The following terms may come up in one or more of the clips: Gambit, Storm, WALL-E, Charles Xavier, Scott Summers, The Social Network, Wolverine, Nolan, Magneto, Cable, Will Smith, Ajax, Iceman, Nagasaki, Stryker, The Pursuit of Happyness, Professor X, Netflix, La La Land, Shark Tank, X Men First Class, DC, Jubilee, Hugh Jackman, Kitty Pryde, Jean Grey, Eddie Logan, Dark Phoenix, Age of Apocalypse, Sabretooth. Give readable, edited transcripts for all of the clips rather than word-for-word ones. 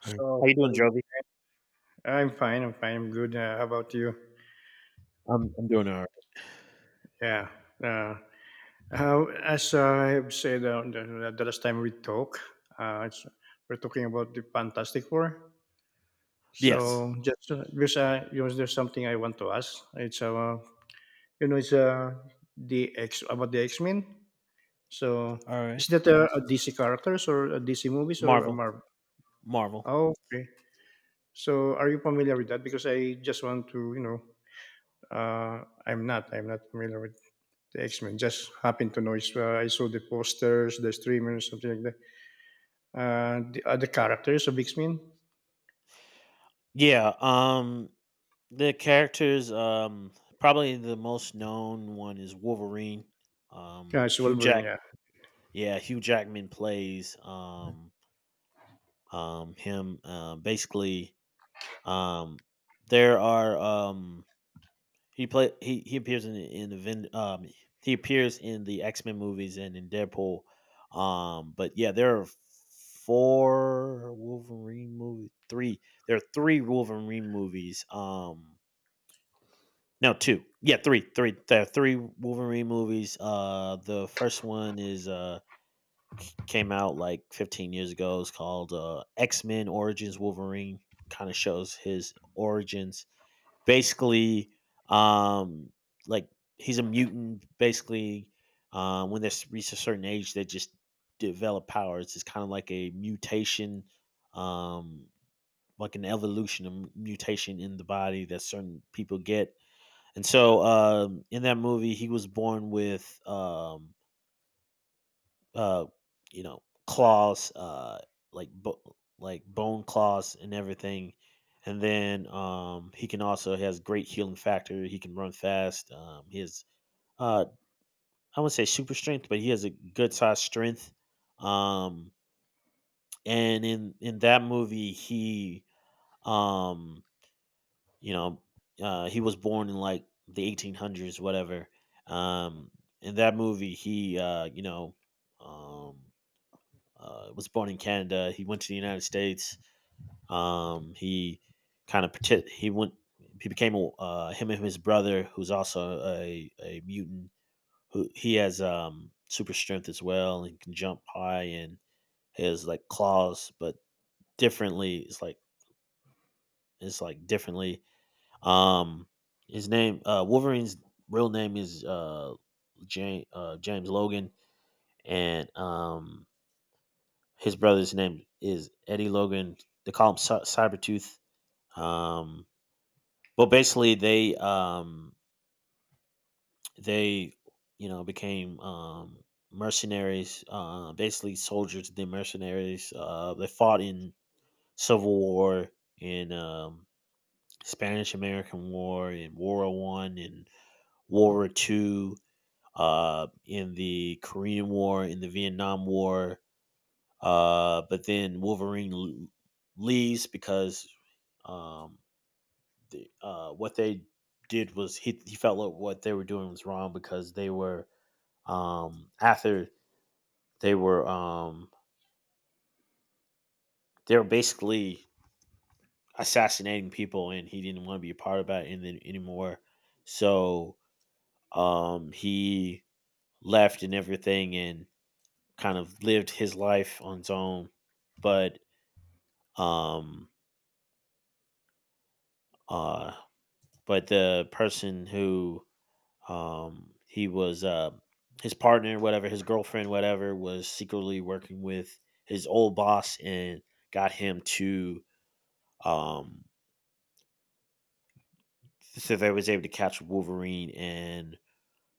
Hi. So How you doing, Jovi? I'm fine. I'm fine. I'm good. How about you? I'm doing all right. Yeah. Uh, how, as I have said, the last time we talked, uh, it's, we're talking about the Fantastic Four. Yes. So just there's, you know, there's something I want to ask. It's you know it's The X about the X Men. So All is right. that a DC characters or a DC movies or a Marvel. Marvel? Marvel. Oh, okay. So are you familiar with that? Because I just want to I'm not. I'm not familiar with the X Men. Just happened to know. I saw the posters, the streamers, something like that. The other characters of X Men. Yeah. The characters, probably the most known one is Wolverine. Yeah, Um it's Hugh Wolverine. Jack Yeah, yeah, Hugh Jackman plays him, basically. Um there are He appears in the he appears in the X Men movies and in Deadpool. But yeah, there are four Wolverine movies. Three. There are three Wolverine movies. No, two. Yeah, three, three. There are three Wolverine movies. The first one is came out like 15 years ago. It's called X Men Origins Wolverine. Kind of shows his origins basically, um like he's a mutant basically. When they reach a certain age they just develop powers. It's kind of like a mutation, um like an evolution and mutation in the body that certain people get. And so, in that movie he was born with, uh you know, claws, like bo- like bone claws and everything. And then, he can also, he has great healing factor, he can run fast, he has, uh I wouldn't say super strength but he has a good size strength. Um and in in that movie he, um you know he was born in like the 1800s, whatever. Um in that movie he, um was born in Canada. He went to the United States. He kind of he went he became him and his brother, who's also a mutant. Who he has, super strength as well and can jump high and has like claws, but differently. It's like differently. Um, his name, Wolverine's real name is, James, James Logan, and his brother's name is Eddie Logan. They call him Cybertooth. Um, but basically, they became, mercenaries, basically soldiers. They mercenaries. They fought in Civil War, in Spanish American War, in World War One, in World War Two, in the Korean War, in the Vietnam War. But then Wolverine leaves because, um, what they did was, he felt like what they were doing was wrong because they were, um, after they were um, they were basically assassinating people and he didn't want to be a part of that in then anymore. So, he left and everything and kind of lived his life on his own. But um, uh, but the person who, he was, his partner, whatever, his girlfriend, whatever, was secretly working with his old boss and got him to, um, so they was able to catch Wolverine and,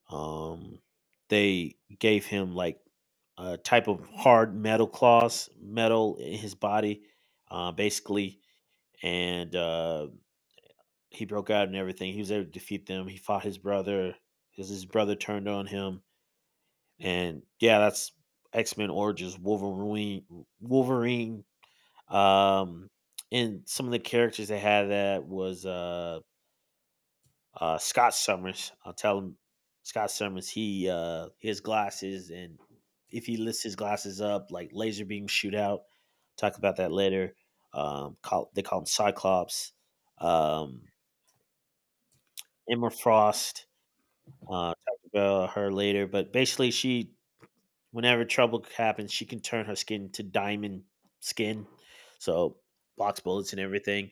um, they gave him like a type of hard metal claws, metal in his body, basically, and he broke out and everything. He was able to defeat them. He fought his brother because his brother turned on him. And yeah, that's X Men Origins Wolverine. Wolverine. Um, and some of the characters they had that was, Scott Summers. I'll tell him Scott Summers. He His glasses, and if he lifts his glasses up like laser beam shootout. Talk about that later. They call him Cyclops. Um, Emma Frost. Talk about her later, but basically she, whenever trouble happens, she can turn her skin to diamond skin, so blocks bullets and everything.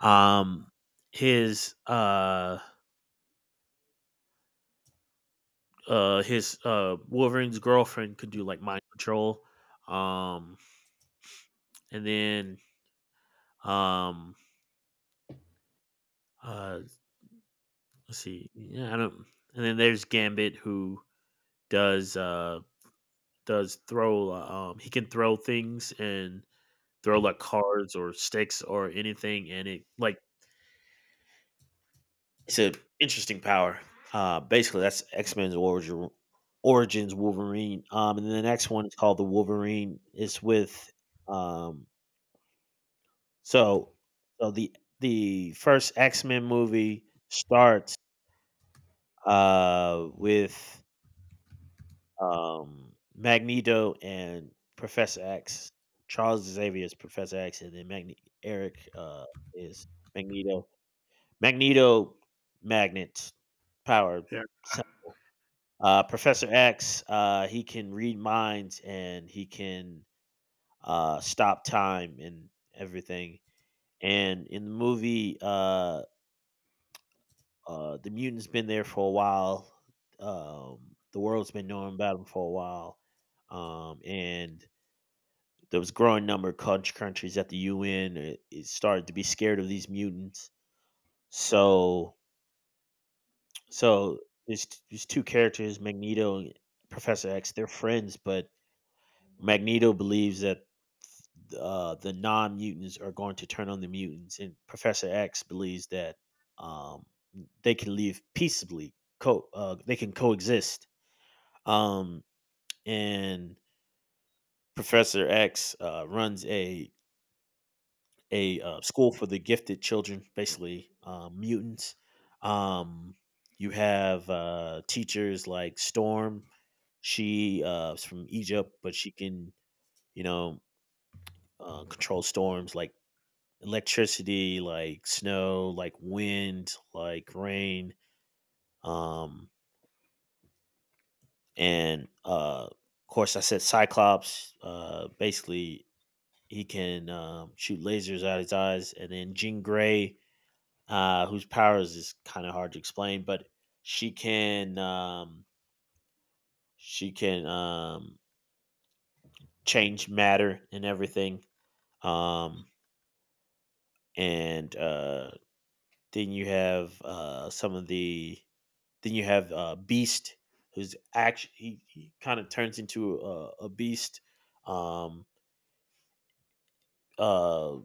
Um, his uh his Wolverine's girlfriend could do like mind control. Um, and then um uh let's see, yeah, I don't. And then there's Gambit who does uh does throw, he can throw things and throw like cards or sticks or anything and it like, it's an interesting power. Basically, that's Origins Wolverine. And then the next one is called the Wolverine. It's with, um, so the first X Men movie starts, with, Magneto and Professor X. Charles Xavier is Professor X, and then Eric is Magneto. Magneto, magnet power. yeah. Professor X, he can read minds and he can, stop time and everything. And in the movie, the mutant's been there for a while. The world's been knowing about him for a while. And there was a growing number of country countries at the UN. It started to be scared of these mutants. So, so, there's two characters, Magneto and Professor X. They're friends, but Magneto believes that, the non mutants are going to turn on the mutants, and Professor X believes that, um, they can live peaceably. They can coexist. Um, and Professor X runs a, school for the gifted children, basically, mutants. Um, you have, teachers like Storm. She, is from Egypt, but she can, you know control storms like electricity, like snow, like wind, like rain. Um, and of course, I said Cyclops. Basically, he can, shoot lasers out his eyes. And then Jean Grey, whose powers is kind of hard to explain, but she can um, she can, change matter and everything. Um, and then you have, some of the Then you have, Beast, who's actually, he kind of turns into a beast. Um, uh,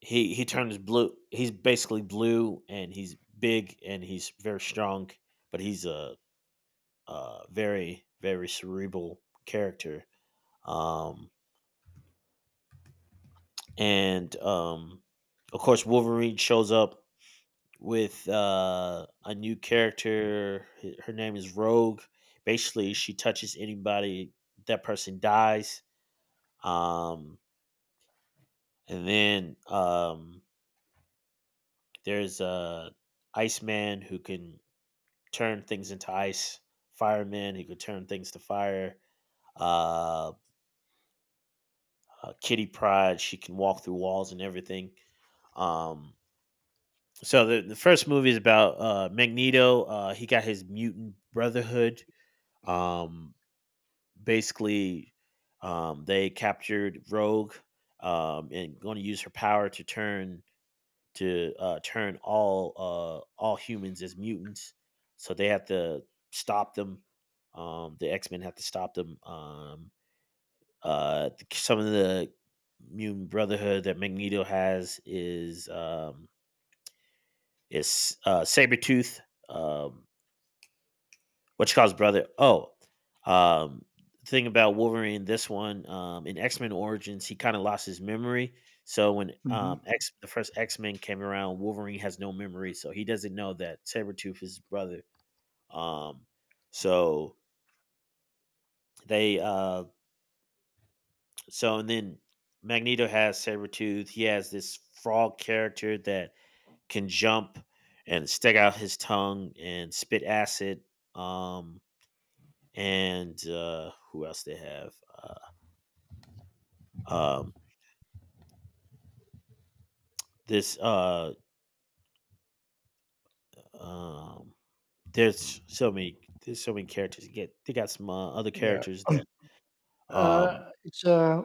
he turns blue. He's basically blue, and he's big, and he's very strong. But he's a very very cerebral character. Um, and of course, Wolverine shows up with, a new character. Her name is Rogue. Basically, she touches anybody, that person dies. Um, and then there's a Iceman who can turn things into ice. Fireman who could turn things to fire. Uh, Kitty Pryde, she can walk through walls and everything. Um, so the first movie is about, Magneto. He got his mutant brotherhood. Um, basically, they captured Rogue, and going to use her power to turn to, turn all humans as mutants. So they have to stop them. The X Men have to stop them. Some of the mutant brotherhood that Magneto has is, Sabretooth. Um, what you call his brother? Oh, um, thing about Wolverine, this one, in X Men Origins, he kind of lost his memory. So when, Mhm. X the first X Men came around, Wolverine has no memory, so he doesn't know that Sabretooth is his brother. Um, so they so and then Magneto has Sabretooth. He has this frog character that can jump and stick out his tongue and spit acid. Um, and who else they have? Uh, Um, this um, there's so many There's so many characters. You get they got some, other Yeah. characters that, um, It's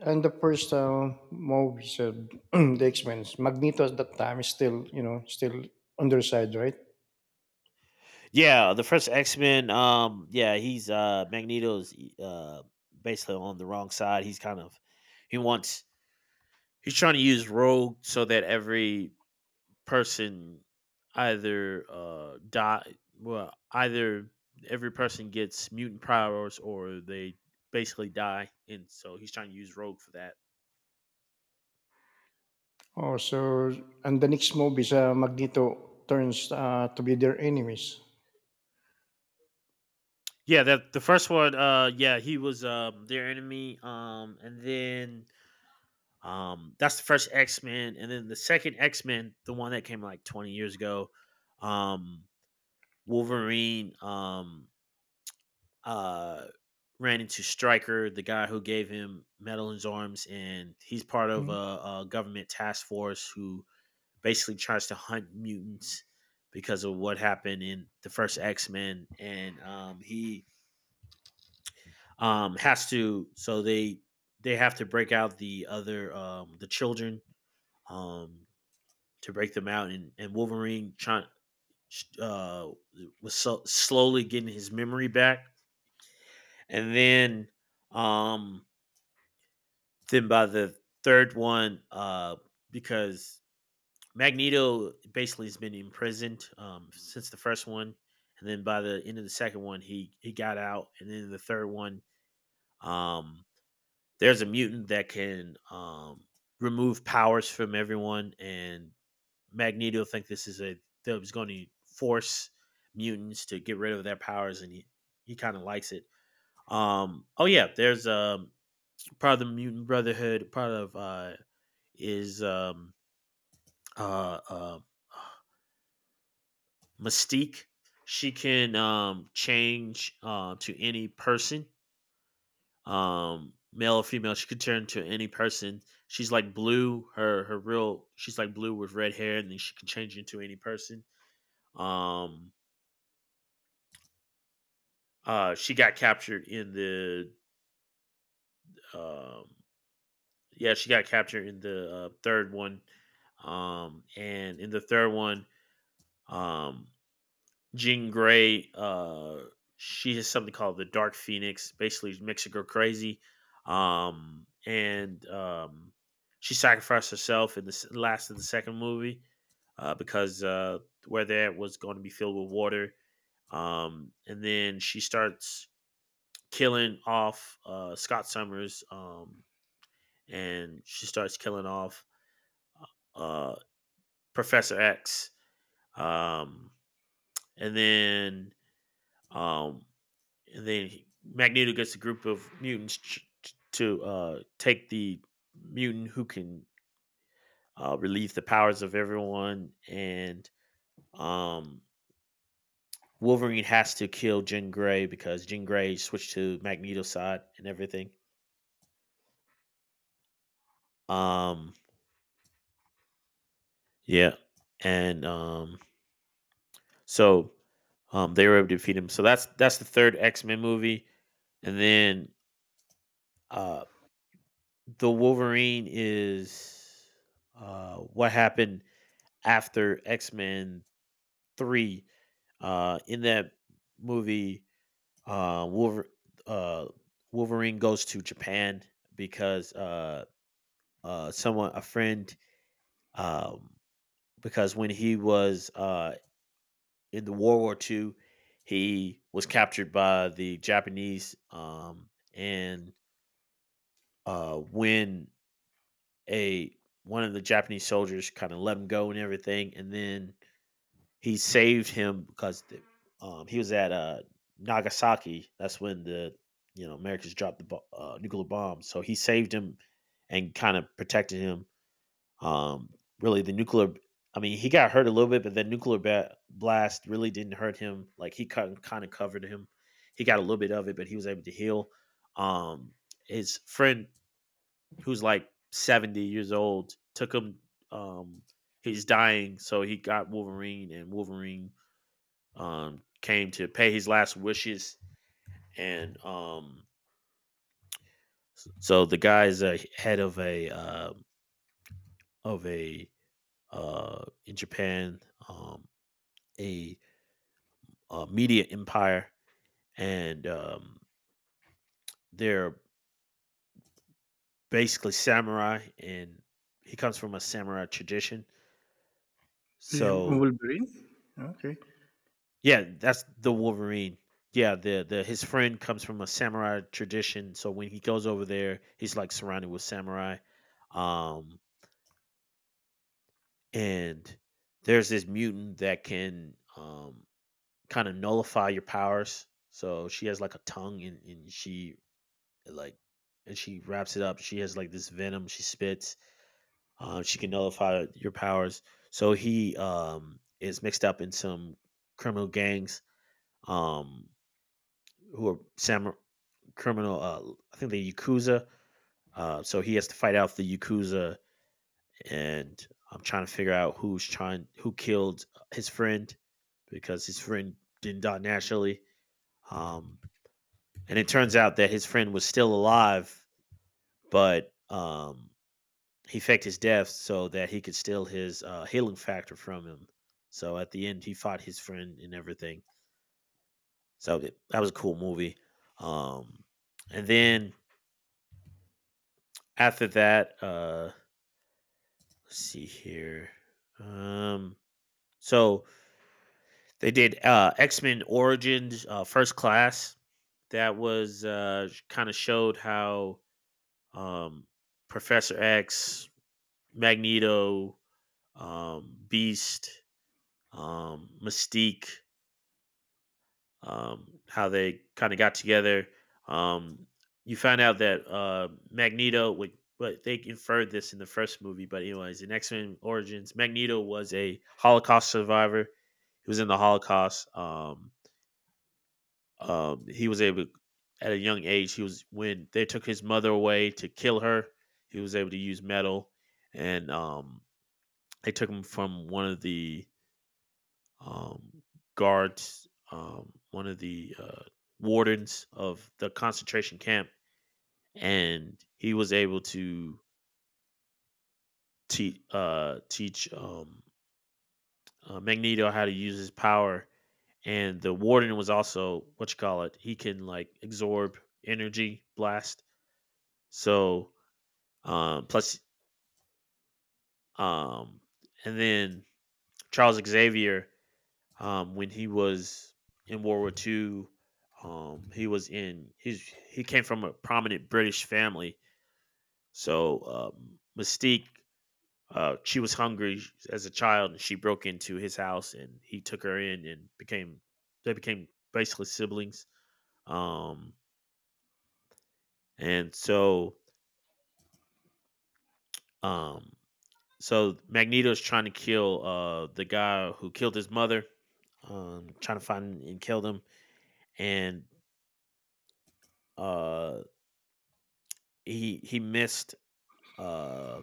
and the first movie said the X Men. Magneto at that time is still, you know, still on their side, right? yeah, the first X Men. Yeah, he's Magneto's, uh, basically on the wrong side. He's kind of he wants he's trying to use Rogue so that every person either die, well, either every person gets mutant powers or they basically die, and so he's trying to use rogue for that. Oh, so and the next movie is Magneto turns to be their enemies. Yeah, the first one, yeah, he was their enemy. And then That's the first X Men, and then the second X Men, the one that came like 20 years ago, um, Wolverine uh ran into Stryker, the guy who gave him metal in his arms, and he's part of Hmm. a government task force who basically tries to hunt mutants because of what happened in the first X Men, and he has to, so they have to break out the other, the children, um to break them out. And Wolverine trying, uh was so, slowly getting his memory back. And then, um by the third one, because Magneto basically has been imprisoned since the first one, and then by the end of the second one he got out. And then the third one, um there's a mutant that can, remove powers from everyone, and Magneto think this is a, that was going to force mutants to get rid of their powers, and he kind of likes it. Oh yeah, there's, part of the mutant brotherhood. Part of, is uh, uh, Mystique. She can, change, to any person, male or female, she could turn to any person. She's like blue, her real, she's like blue with red hair and then she can change into any person. um she got captured in the, um yeah, she got captured in the, third one. And in the third one, um Jean Grey, she has something called the Dark Phoenix. Basically, she makes a girl crazy, and she sacrificed herself in the last of the second movie, because where that was going to be filled with water. And then she starts killing off Scott Summers, and she starts killing off uh, Professor X. Um, and then um, Magneto gets a group of mutants to take the mutant who can relieve the powers of everyone, and um, Wolverine has to kill Jean Grey because Jean Grey switched to Magneto's side and everything. Um, yeah, and so They were able to defeat him. So that's the third X Men movie, and then uh, the Wolverine is what happened after X-Men 3. In that movie, uh Wolver- uh Wolverine goes to Japan because someone, a friend, um because when he was in the World War Two, he was captured by the Japanese, and when a one of the Japanese soldiers kind of let him go and everything, and then he saved him because he was at Nagasaki. That's when the Americans dropped the nuclear bomb. So he saved him and kind of protected him. Um, Really, the nuclear. I mean, he got hurt a little bit, but the nuclear blast really didn't hurt him. Like he cut, kind of covered him. He got a little bit of it, but he was able to heal. Um, his friend, who's like 70 years old, took him. Um, he's dying, so he got Wolverine, and Wolverine came to pay his last wishes, and um, so the guy is a head of a, of a in Japan, um, a, media empire, and they're basically samurai, and he comes from a samurai tradition. The So Wolverine. Okay. yeah, that's the Wolverine. Yeah, the his friend comes from a samurai tradition, so when he goes over there, he's like surrounded with samurai. Um, and There's this mutant that can kind of nullify your powers. So she has like a tongue, and she like and she wraps it up. She has like this venom she spits. She can nullify your powers. So he is mixed up in some criminal gangs, um who are samurai criminal, I think the Yakuza. So he has to fight out the Yakuza, and I'm trying to figure out who's trying who killed his friend, because his friend didn't die naturally. Um, and it turns out that his friend was still alive, but he faked his death so that he could steal his healing factor from him. So at the end, he fought his friend and everything. So that was a cool movie. Um, and then after that, let's see here. Um, so They did X Men Origins, First Class. That was, kind of showed how um, Professor X, Magneto, Beast, Mystique, how they kind of got together. Um, you found out that Magneto would, but they inferred this in the first movie. But anyways, in X Men Origins, Magneto was a Holocaust survivor. He was in the Holocaust. He was able, at a young age, he was when they took his mother away to kill her, he was able to use metal, and they took him from one of the um guards, one of the wardens of the concentration camp, and he was able to teach teach Magneto how to use his power, and the warden was also, what you call it, he can like absorb energy blast. so Plus, um, and then Charles Xavier, when he was in World War II, he was in he's he came from a prominent British family. So Mystique, she was hungry as a child, and she broke into his house, and he took her in, and became basically siblings. Um, and so um, so Magneto's trying to kill the guy who killed his mother, trying to find and kill them, and uh he missed uh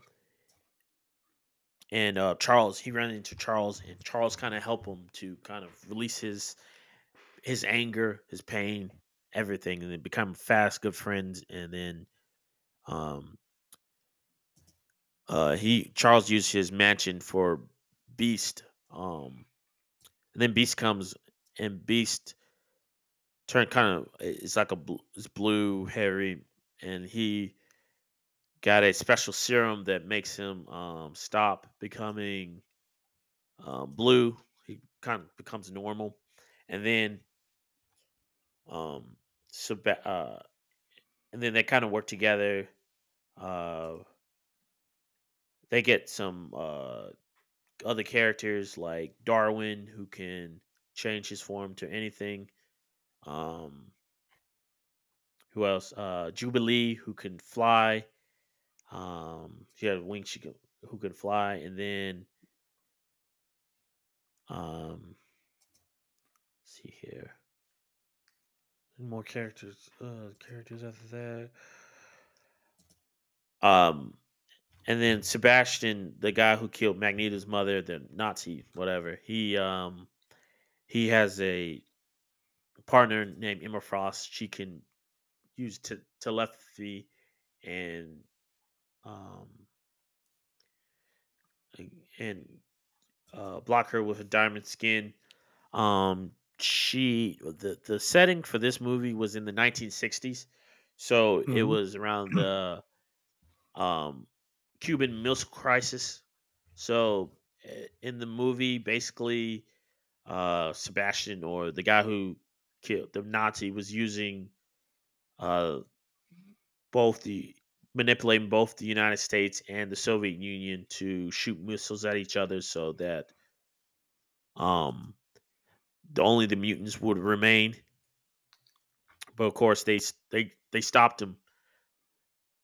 and Charles he ran into Charles, and Charles kind of helped him to kind of release his anger, his pain, everything, and they become fast good friends, and then um he Charles used his mansion for Beast, um, and then Beast comes, and Beast Turn kind of, it's like a bl- it's blue, hairy, and he got a special serum that makes him stop becoming blue. He kind of becomes normal, and then um, Seba- uh, and then they kind of work together. Uh, they get some other characters like Darwin, who can change his form to anything. Um, who else? Jubilee, who can fly. She had wings she could, who could fly, and then um, let's see here, more characters. Characters after that. And then Sebastian, the guy who killed Magneto's mother, the Nazi, whatever. He has a partner named Emma Frost. She can use telepathy, and um and, and block her with a diamond skin. Um, she, the setting for this movie was in the 1960s, so it Mhm. was around the, um, Cuban Missile Crisis. So, eh, in the movie, basically, Sebastian, or the guy who killed the Nazi, was using, uh, both the manipulating both the United States and the Soviet Union to shoot missiles at each other so that um only the mutants would remain. But of course, they stopped him.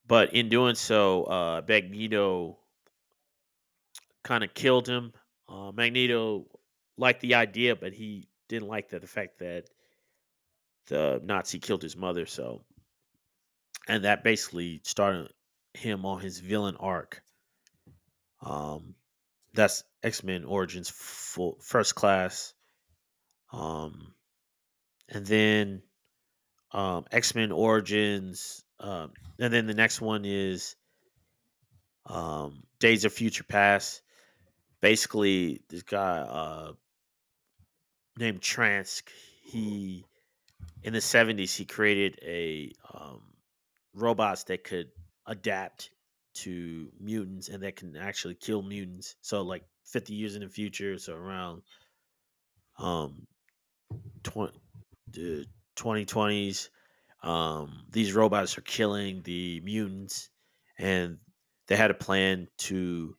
But in doing so, Magneto kind of killed him. Magneto liked the idea, but he didn't like the fact that the Nazi killed his mother. So, and that basically started him on his villain arc. Um, that's X Men Origins full, First Class. Um, and then X Men Origins. And then The next one is, Days of Future Past. Basically, this guy, named Transk, he in the 70s he created a, robots that could adapt to mutants and that can actually kill mutants. So like 50 years in the future, so around, um, 20, the 2020s, these robots are killing the mutants, and they had a plan to,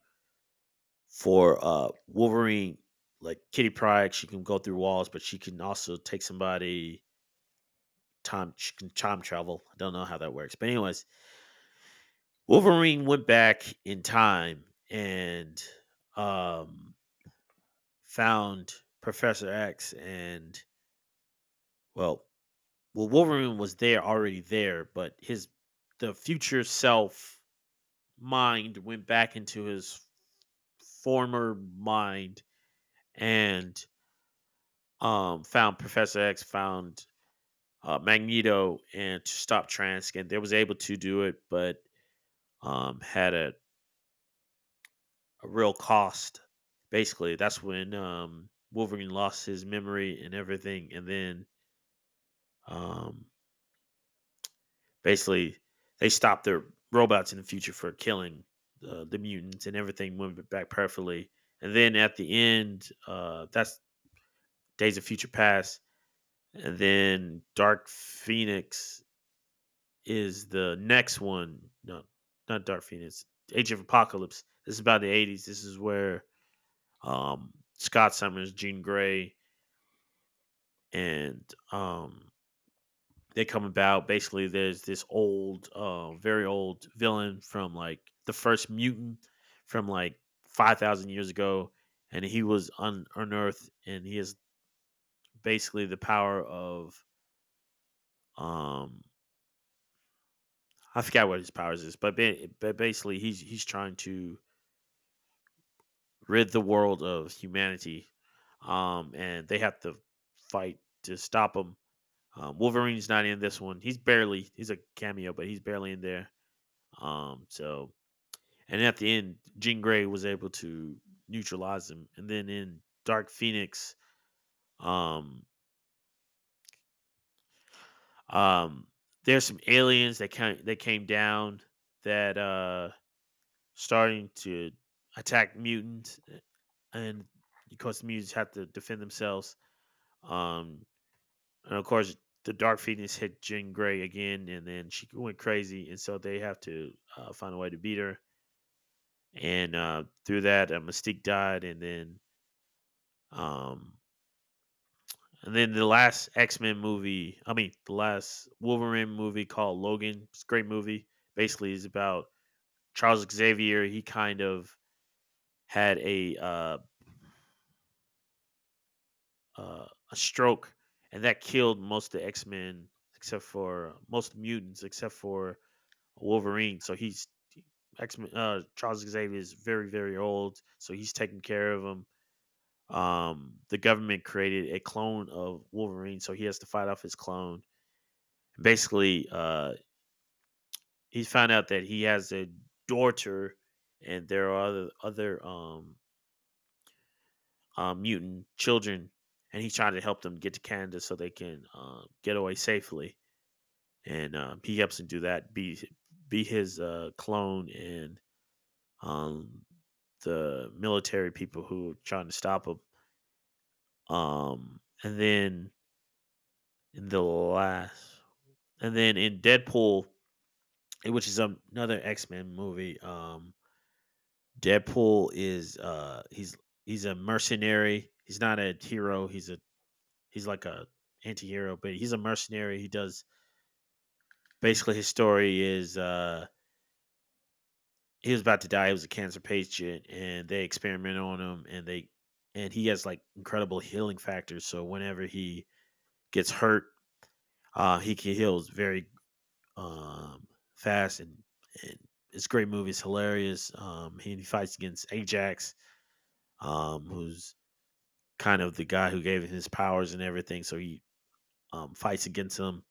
for Wolverine, like Kitty Pryde, she can go through walls, but she can also take somebody, time she can time travel. I don't know how that works. But anyways, Wolverine went back in time, and um found Professor X, and well well, Wolverine was there already there, but his, the future self, mind went back into his former mind, and found Professor X, found Magneto, and to stop Transk, and they was able to do it, but had a real cost. Basically, that's when Wolverine lost his memory and everything, and then um, basically they stopped their robots in the future for killing the mutants, and everything went back perfectly. And then at the end, that's Days of Future Past, and then Dark Phoenix is the next one. No, not Dark Phoenix. Age of Apocalypse. This is about the '80s. This is where Scott Summers, Jean Grey, and um, they come about. Basically, there's this old, very old villain from like the first mutant, from like 5,000 years ago, and he was unearthed, and he has basically the power of, um, I forgot what his powers is, but basically he's trying to rid the world of humanity, and they have to fight to stop him. Wolverine's not in this one. He's barely. He's a cameo, but he's barely in there. Um, so and at the end, Jean Grey was able to neutralize him. And then in Dark Phoenix, um, um, there's some aliens that came down that starting to attack mutants, eh, and because the mutants have to defend themselves. Um, And of course, the Dark Phoenix hit Jean Grey again, and then she went crazy. And so they have to find a way to beat her. And through that, Mystique died, and then um, the last X Men movie. I mean, the last Wolverine movie, called Logan. It's a great movie. Basically, is about Charles Xavier. He kind of had a, uh, a stroke, and that killed most of the X Men, except for, most mutants except for Wolverine. So he's X Men. Charles Xavier is very old, so he's taking care of him. The government created a clone of Wolverine, so he has to fight off his clone. Basically, he's found out that he has a daughter, and there are other mutant children, and he's trying to help them get to Canada so they can get away safely. And he helps him do that. Be his clone and um, the military people who were trying to stop him. Um, and then in the last, and then in Deadpool, which is another X Men movie. Deadpool is he's a mercenary. He's not a hero. He's a he's like a anti-hero, but he's a mercenary. He does basically his story is he was about to die. He was a cancer patient, and they experiment on him, and he has like incredible healing factors. So whenever he gets hurt, he can heals very um, fast, and it's a great movie. It's hilarious. He fights against Ajax, who's kind of the guy who gave him his powers and everything. So he fights against him,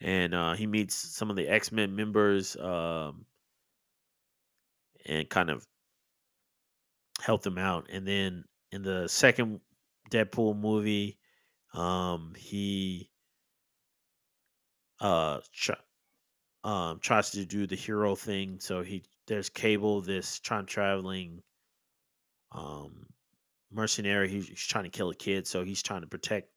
and he meets some of the X Men members and kind of helped him out. And then in the second Deadpool movie, he uh tr- tries to do the hero thing. So he there's Cable, this time traveling um mercenary. He's trying to kill a kid, so he's trying to protect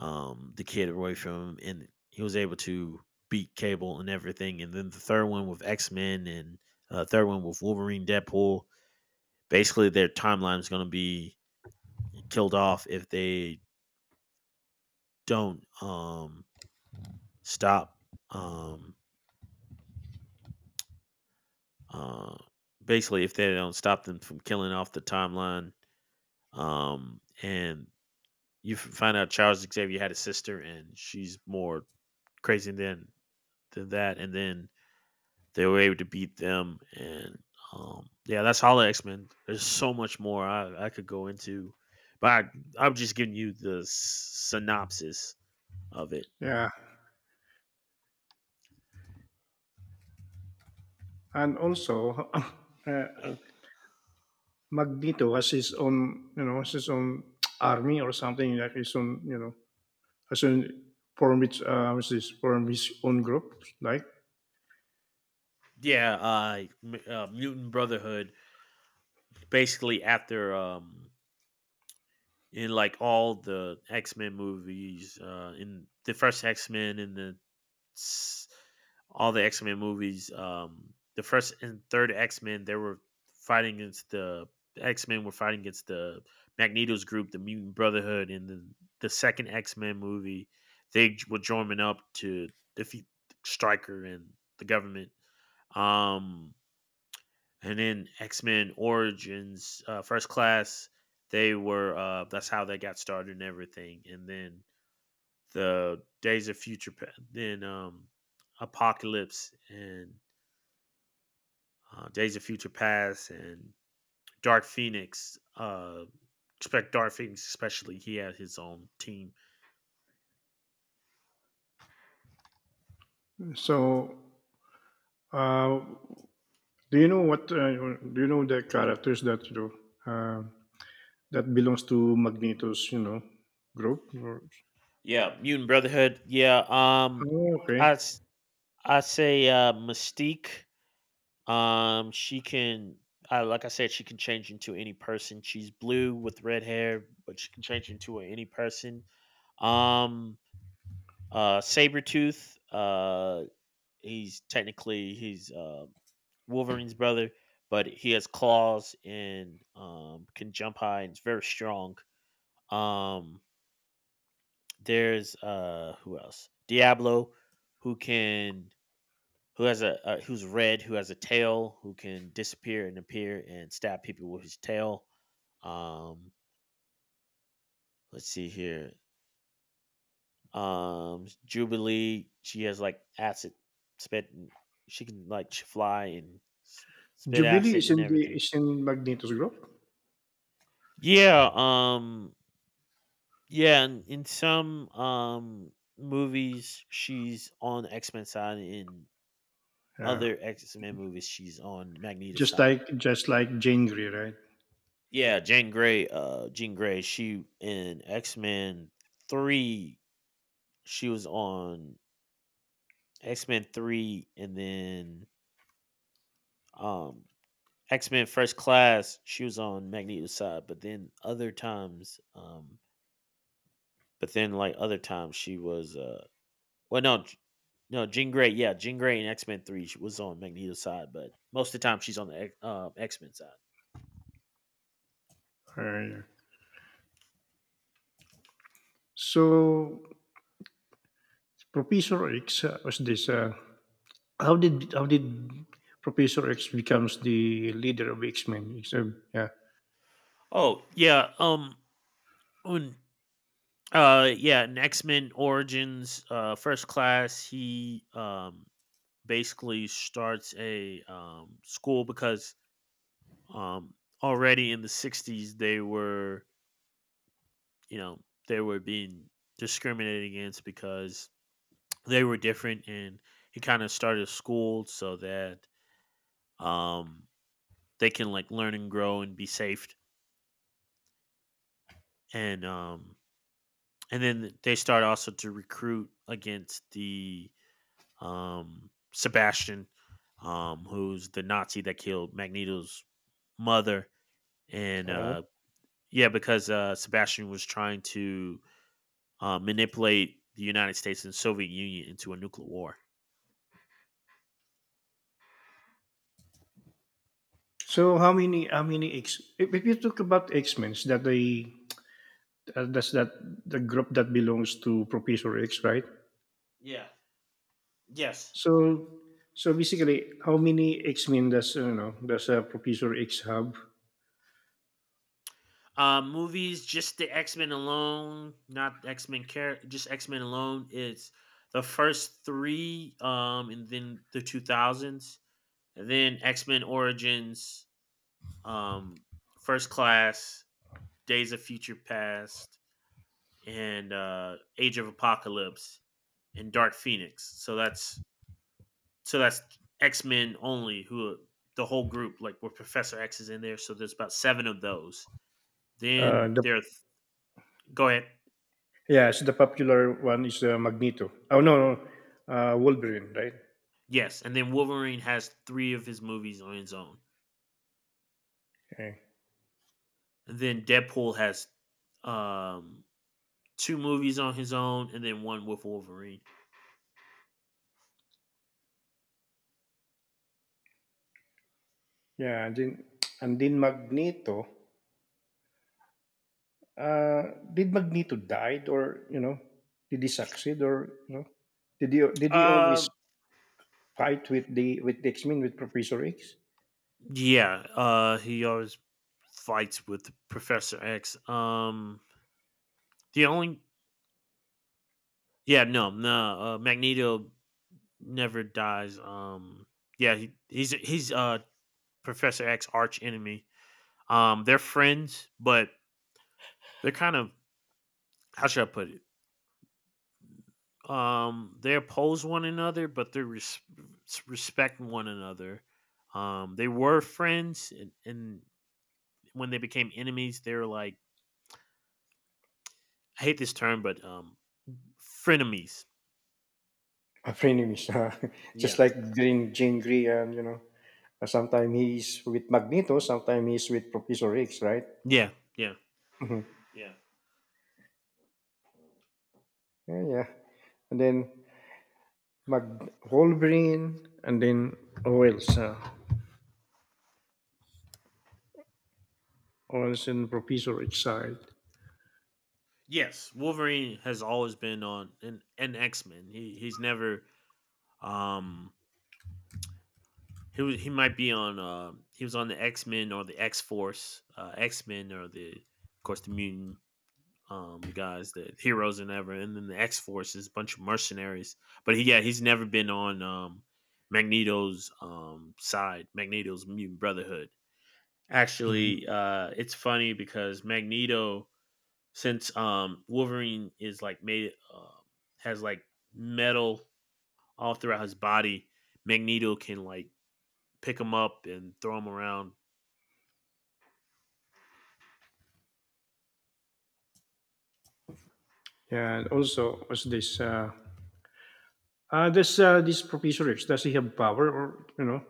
the kid away from him, and he was able to beat Cable and everything. And then the third one with X Men and third one with Wolverine, Deadpool. Basically, their timeline is going to be killed off if they don't, stop, um, uh, if they don't stop them from killing off the timeline, and you find out Charles Xavier had a sister, and she's more crazy than that, and then they were able to beat them, and yeah, that's Hollow X Men. There's so much more I could go into, but I'm just giving you the synopsis of it. Yeah, and also uh, Magneto has his own, you know, has his own army or something, like his own, you know, has own form, which what is form his own group. Like, Yeah, Mutant Brotherhood basically after in like all the x-men movies in the first x-men and the s- all the X-Men movies. The first and third X-Men, they were fighting against the the x-men were fighting against the Magneto's group, the Mutant Brotherhood. In the second X-Men movie, they were joining up to defeat Stryker and the government. um and in X Men Origins, First Class, they were that's how they got started and everything. And then the Days of Future, then Apocalypse and Days of Future Past and Dark Phoenix. Expect Dark Phoenix, especially he had his own team. so, uh, do you know what? Do you know the characters that you know, uh, that belongs to Magneto's, you know, group? Or, Yeah, Mutant Brotherhood. Yeah, oh, okay, I say Mystique. Um, she can, I like I said, she can change into any person. She's blue with red hair, but she can change into any person. Um, Sabretooth, he's technically he's Wolverine's brother, but he has claws and can jump high and is very strong. Um, there's who else? Diablo, who can who has a who's red, who has a tail, who can disappear and appear and stab people with his tail. Um, let's see here. Jubilee, she has like acid spit. And she can like fly and s- spit Jubilee acid is and in everything. Magneto's group. Yeah. Yeah. In some movies, she's on X Men side. In Yeah, other X Men movies, she's on Magneto's just side. like Jane Grey, right? Yeah, Jean Grey, she in X-Men 3, she was on X-Men 3, and then um X-Men First Class, she was on Magneto's side, but then other times but then like other times she was well no J- no Jean Grey, yeah, Jean Grey in X-Men 3 she was on Magneto's side, but most of the time she's on the X-Men side. Yeah. So Professor X was this. How did Professor X becomes the leader of X Men? It's a- Yeah. Oh, yeah, when yeah, in X Men Origins, First Class, he basically starts a school because um already in the '60s they were, you know, they were being discriminated against because they were different, and he kind of started a school so that um they can like learn and grow and be safe, and um and then they start also to recruit against the Sebastian, who's the Nazi that killed Magneto's mother, and Oh. Yeah, because Sebastian was trying to manipulate the United States and Soviet Union into a nuclear war. So how many X? If you talk about X Men, that they that's that the group that belongs to Professor X, right? Yeah. Yes. So so basically, how many X Men does Professor X have? Movies, just the X Men alone, not X Men care, just X Men alone. It's the first three, and then the two thousands, and then X Men Origins, um, First Class, Days of Future Past and Age of Apocalypse and Dark Phoenix. So that's X Men only. Who the whole group like where Professor X is in there. So there's about seven of those. Then The there. Go ahead. Yeah, so the popular one is Magneto. Oh no, no, Wolverine, right? Yes, and then Wolverine has three of his movies on his own. Okay. And then Deadpool has um two movies on his own and then one with Wolverine. Yeah, and then Magneto. Did Magneto died, or you know, did he succeed, or you know, did he always Uh fight with the X Men, with Professor X? yeah, he always fights with Professor X. The only yeah, no, no, Magneto never dies. Yeah, he's Professor X arch enemy. They're friends, but they're kind of how should I put it? They oppose one another, but they respect one another. They were friends, and when they became enemies, they were like, I hate this term, but frenemies. A frenemies, just Yeah, like during Jean Grey, and you know, sometimes he's with Magneto, sometimes he's with Professor X, right? yeah, yeah, Mhm. yeah. Yeah, yeah. And then Mag Wolverine, and then who else? Who else in Professor X side? Yes, Wolverine has always been on an X Men. He's never um he might be on he was on the X Men or the X Force, X Men or the of course the mutant the guys the heroes and ever and then the X Force is a bunch of mercenaries. But he, yeah, he's never been on Magneto's side, Magneto's mutant brotherhood. Mm-hmm. Actually, it's funny because Magneto since Wolverine is like made has like metal all throughout his body, Magneto can like pick him up and throw him around. Yeah, and also what's this? This professor X, does he have power or you know?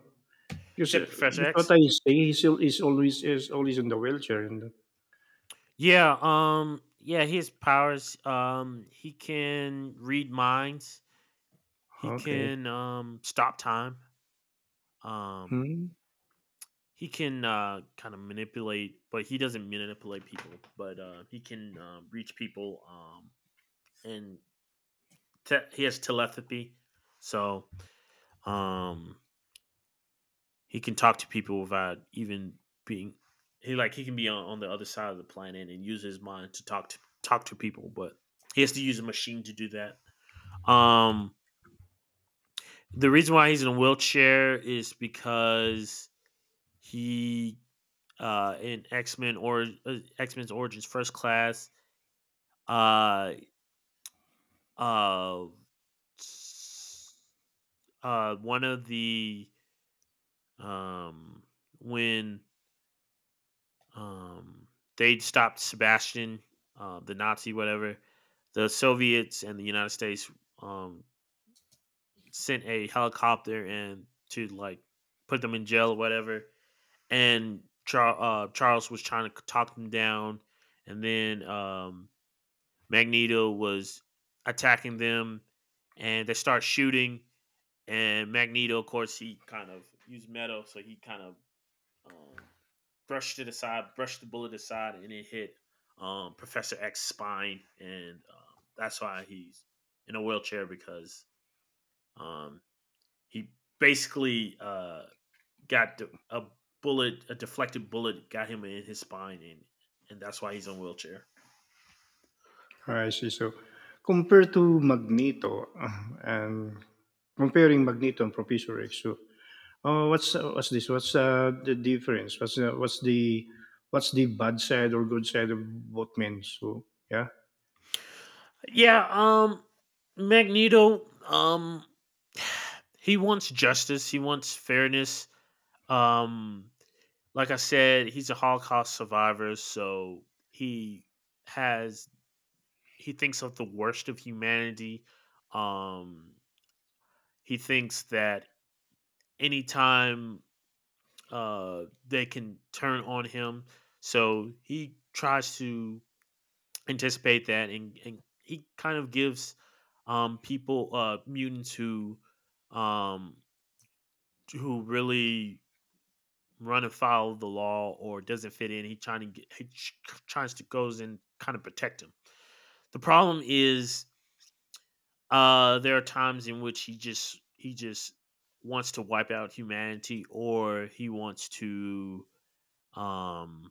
You Because, uh, said Professor because what X? I say, he still is always in the wheelchair. And Yeah, yeah, he has powers. He can read minds. He okay, can stop time. Um hmm. he can kind of manipulate, but he doesn't manipulate people, but he can reach people and he has telepathy. So Um, he can talk to people without even being he like he can be on the other side of the planet and use his mind to talk to people, but he has to use a machine to do that. Um, the reason why he's in a wheelchair is because he in X Men or X Men's Origins First Class uh uh one of the um when Um, they stopped Sebastian, the Nazi, whatever. The Soviets and the United States um, sent a helicopter and to like put them in jail or whatever. And Charles was trying to talk them down, and then Magneto was attacking them, and they start shooting. And Magneto, of course, he kind of used metal, so he kind of um, brushed it aside, brushed the bullet aside, and it hit Professor X's spine, and that's why he's in a wheelchair because um, he basically a bullet, a deflected bullet, got him in his spine, and that's why he's in a wheelchair. I see. So compared to Magneto, and comparing Magneto and Professor X, so what's this? What's the difference? What's the bad side or good side of both men? So yeah, Yeah, Magneto he wants justice, he wants fairness. Um like I said, he's a Holocaust survivor, so he has he thinks of the worst of humanity. Um he thinks that anytime they can turn on him, so he tries to anticipate that, and he kind of gives people mutants um who really run afoul of the law or doesn't fit in he trying to get, he tries to goes and kind of protect him. The problem is there are times in which he just wants to wipe out humanity, or he wants to um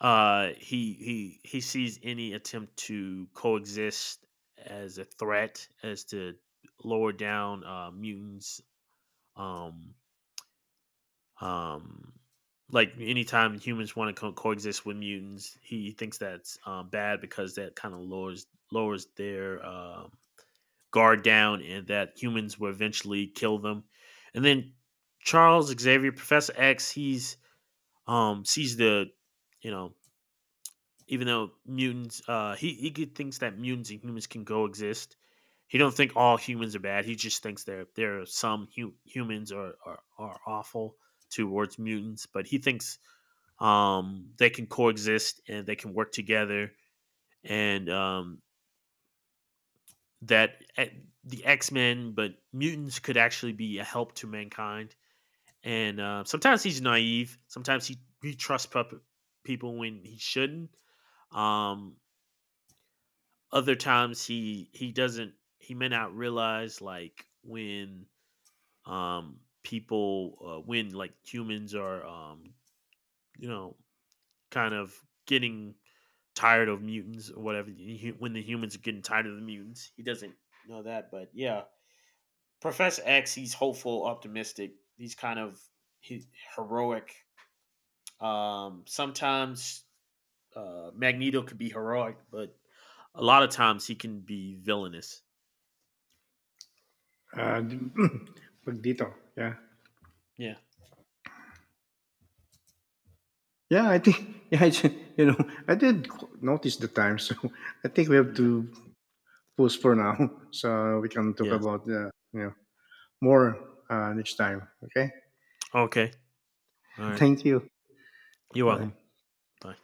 he sees any attempt to coexist as a threat as to lower down mutants. um um like anytime humans want to coexist with mutants, he thinks that's bad because that kind of lowers their guard down and that humans will eventually kill them. And then Charles Xavier, Professor X, he's sees the, you know, even though mutants he thinks that mutants and humans can coexist, he don't think all humans are bad. He just thinks there are some humans are awful towards mutants, but he thinks they can coexist and they can work together, and that eh, the X-Men but mutants could actually be a help to mankind. And sometimes he's naive, sometimes he trusts people when he shouldn't. um Other times he doesn't he may not realize like when people when like humans are you know kind of getting tired of mutants or whatever the when the humans are getting tired of the mutants, he doesn't know that. But yeah, Professor X, he's hopeful, optimistic, he's kind of he, heroic. Sometimes Magneto could be heroic, but a lot of times he can be villainous. uh, Magneto. Yeah. Yeah. Yeah, I think, yeah, you know, I did notice the time, so I think we have to pause for now, so we can talk Yes. about, you know, more, next time. Okay, Okay. All right. thank you. You're Bye. welcome. Bye.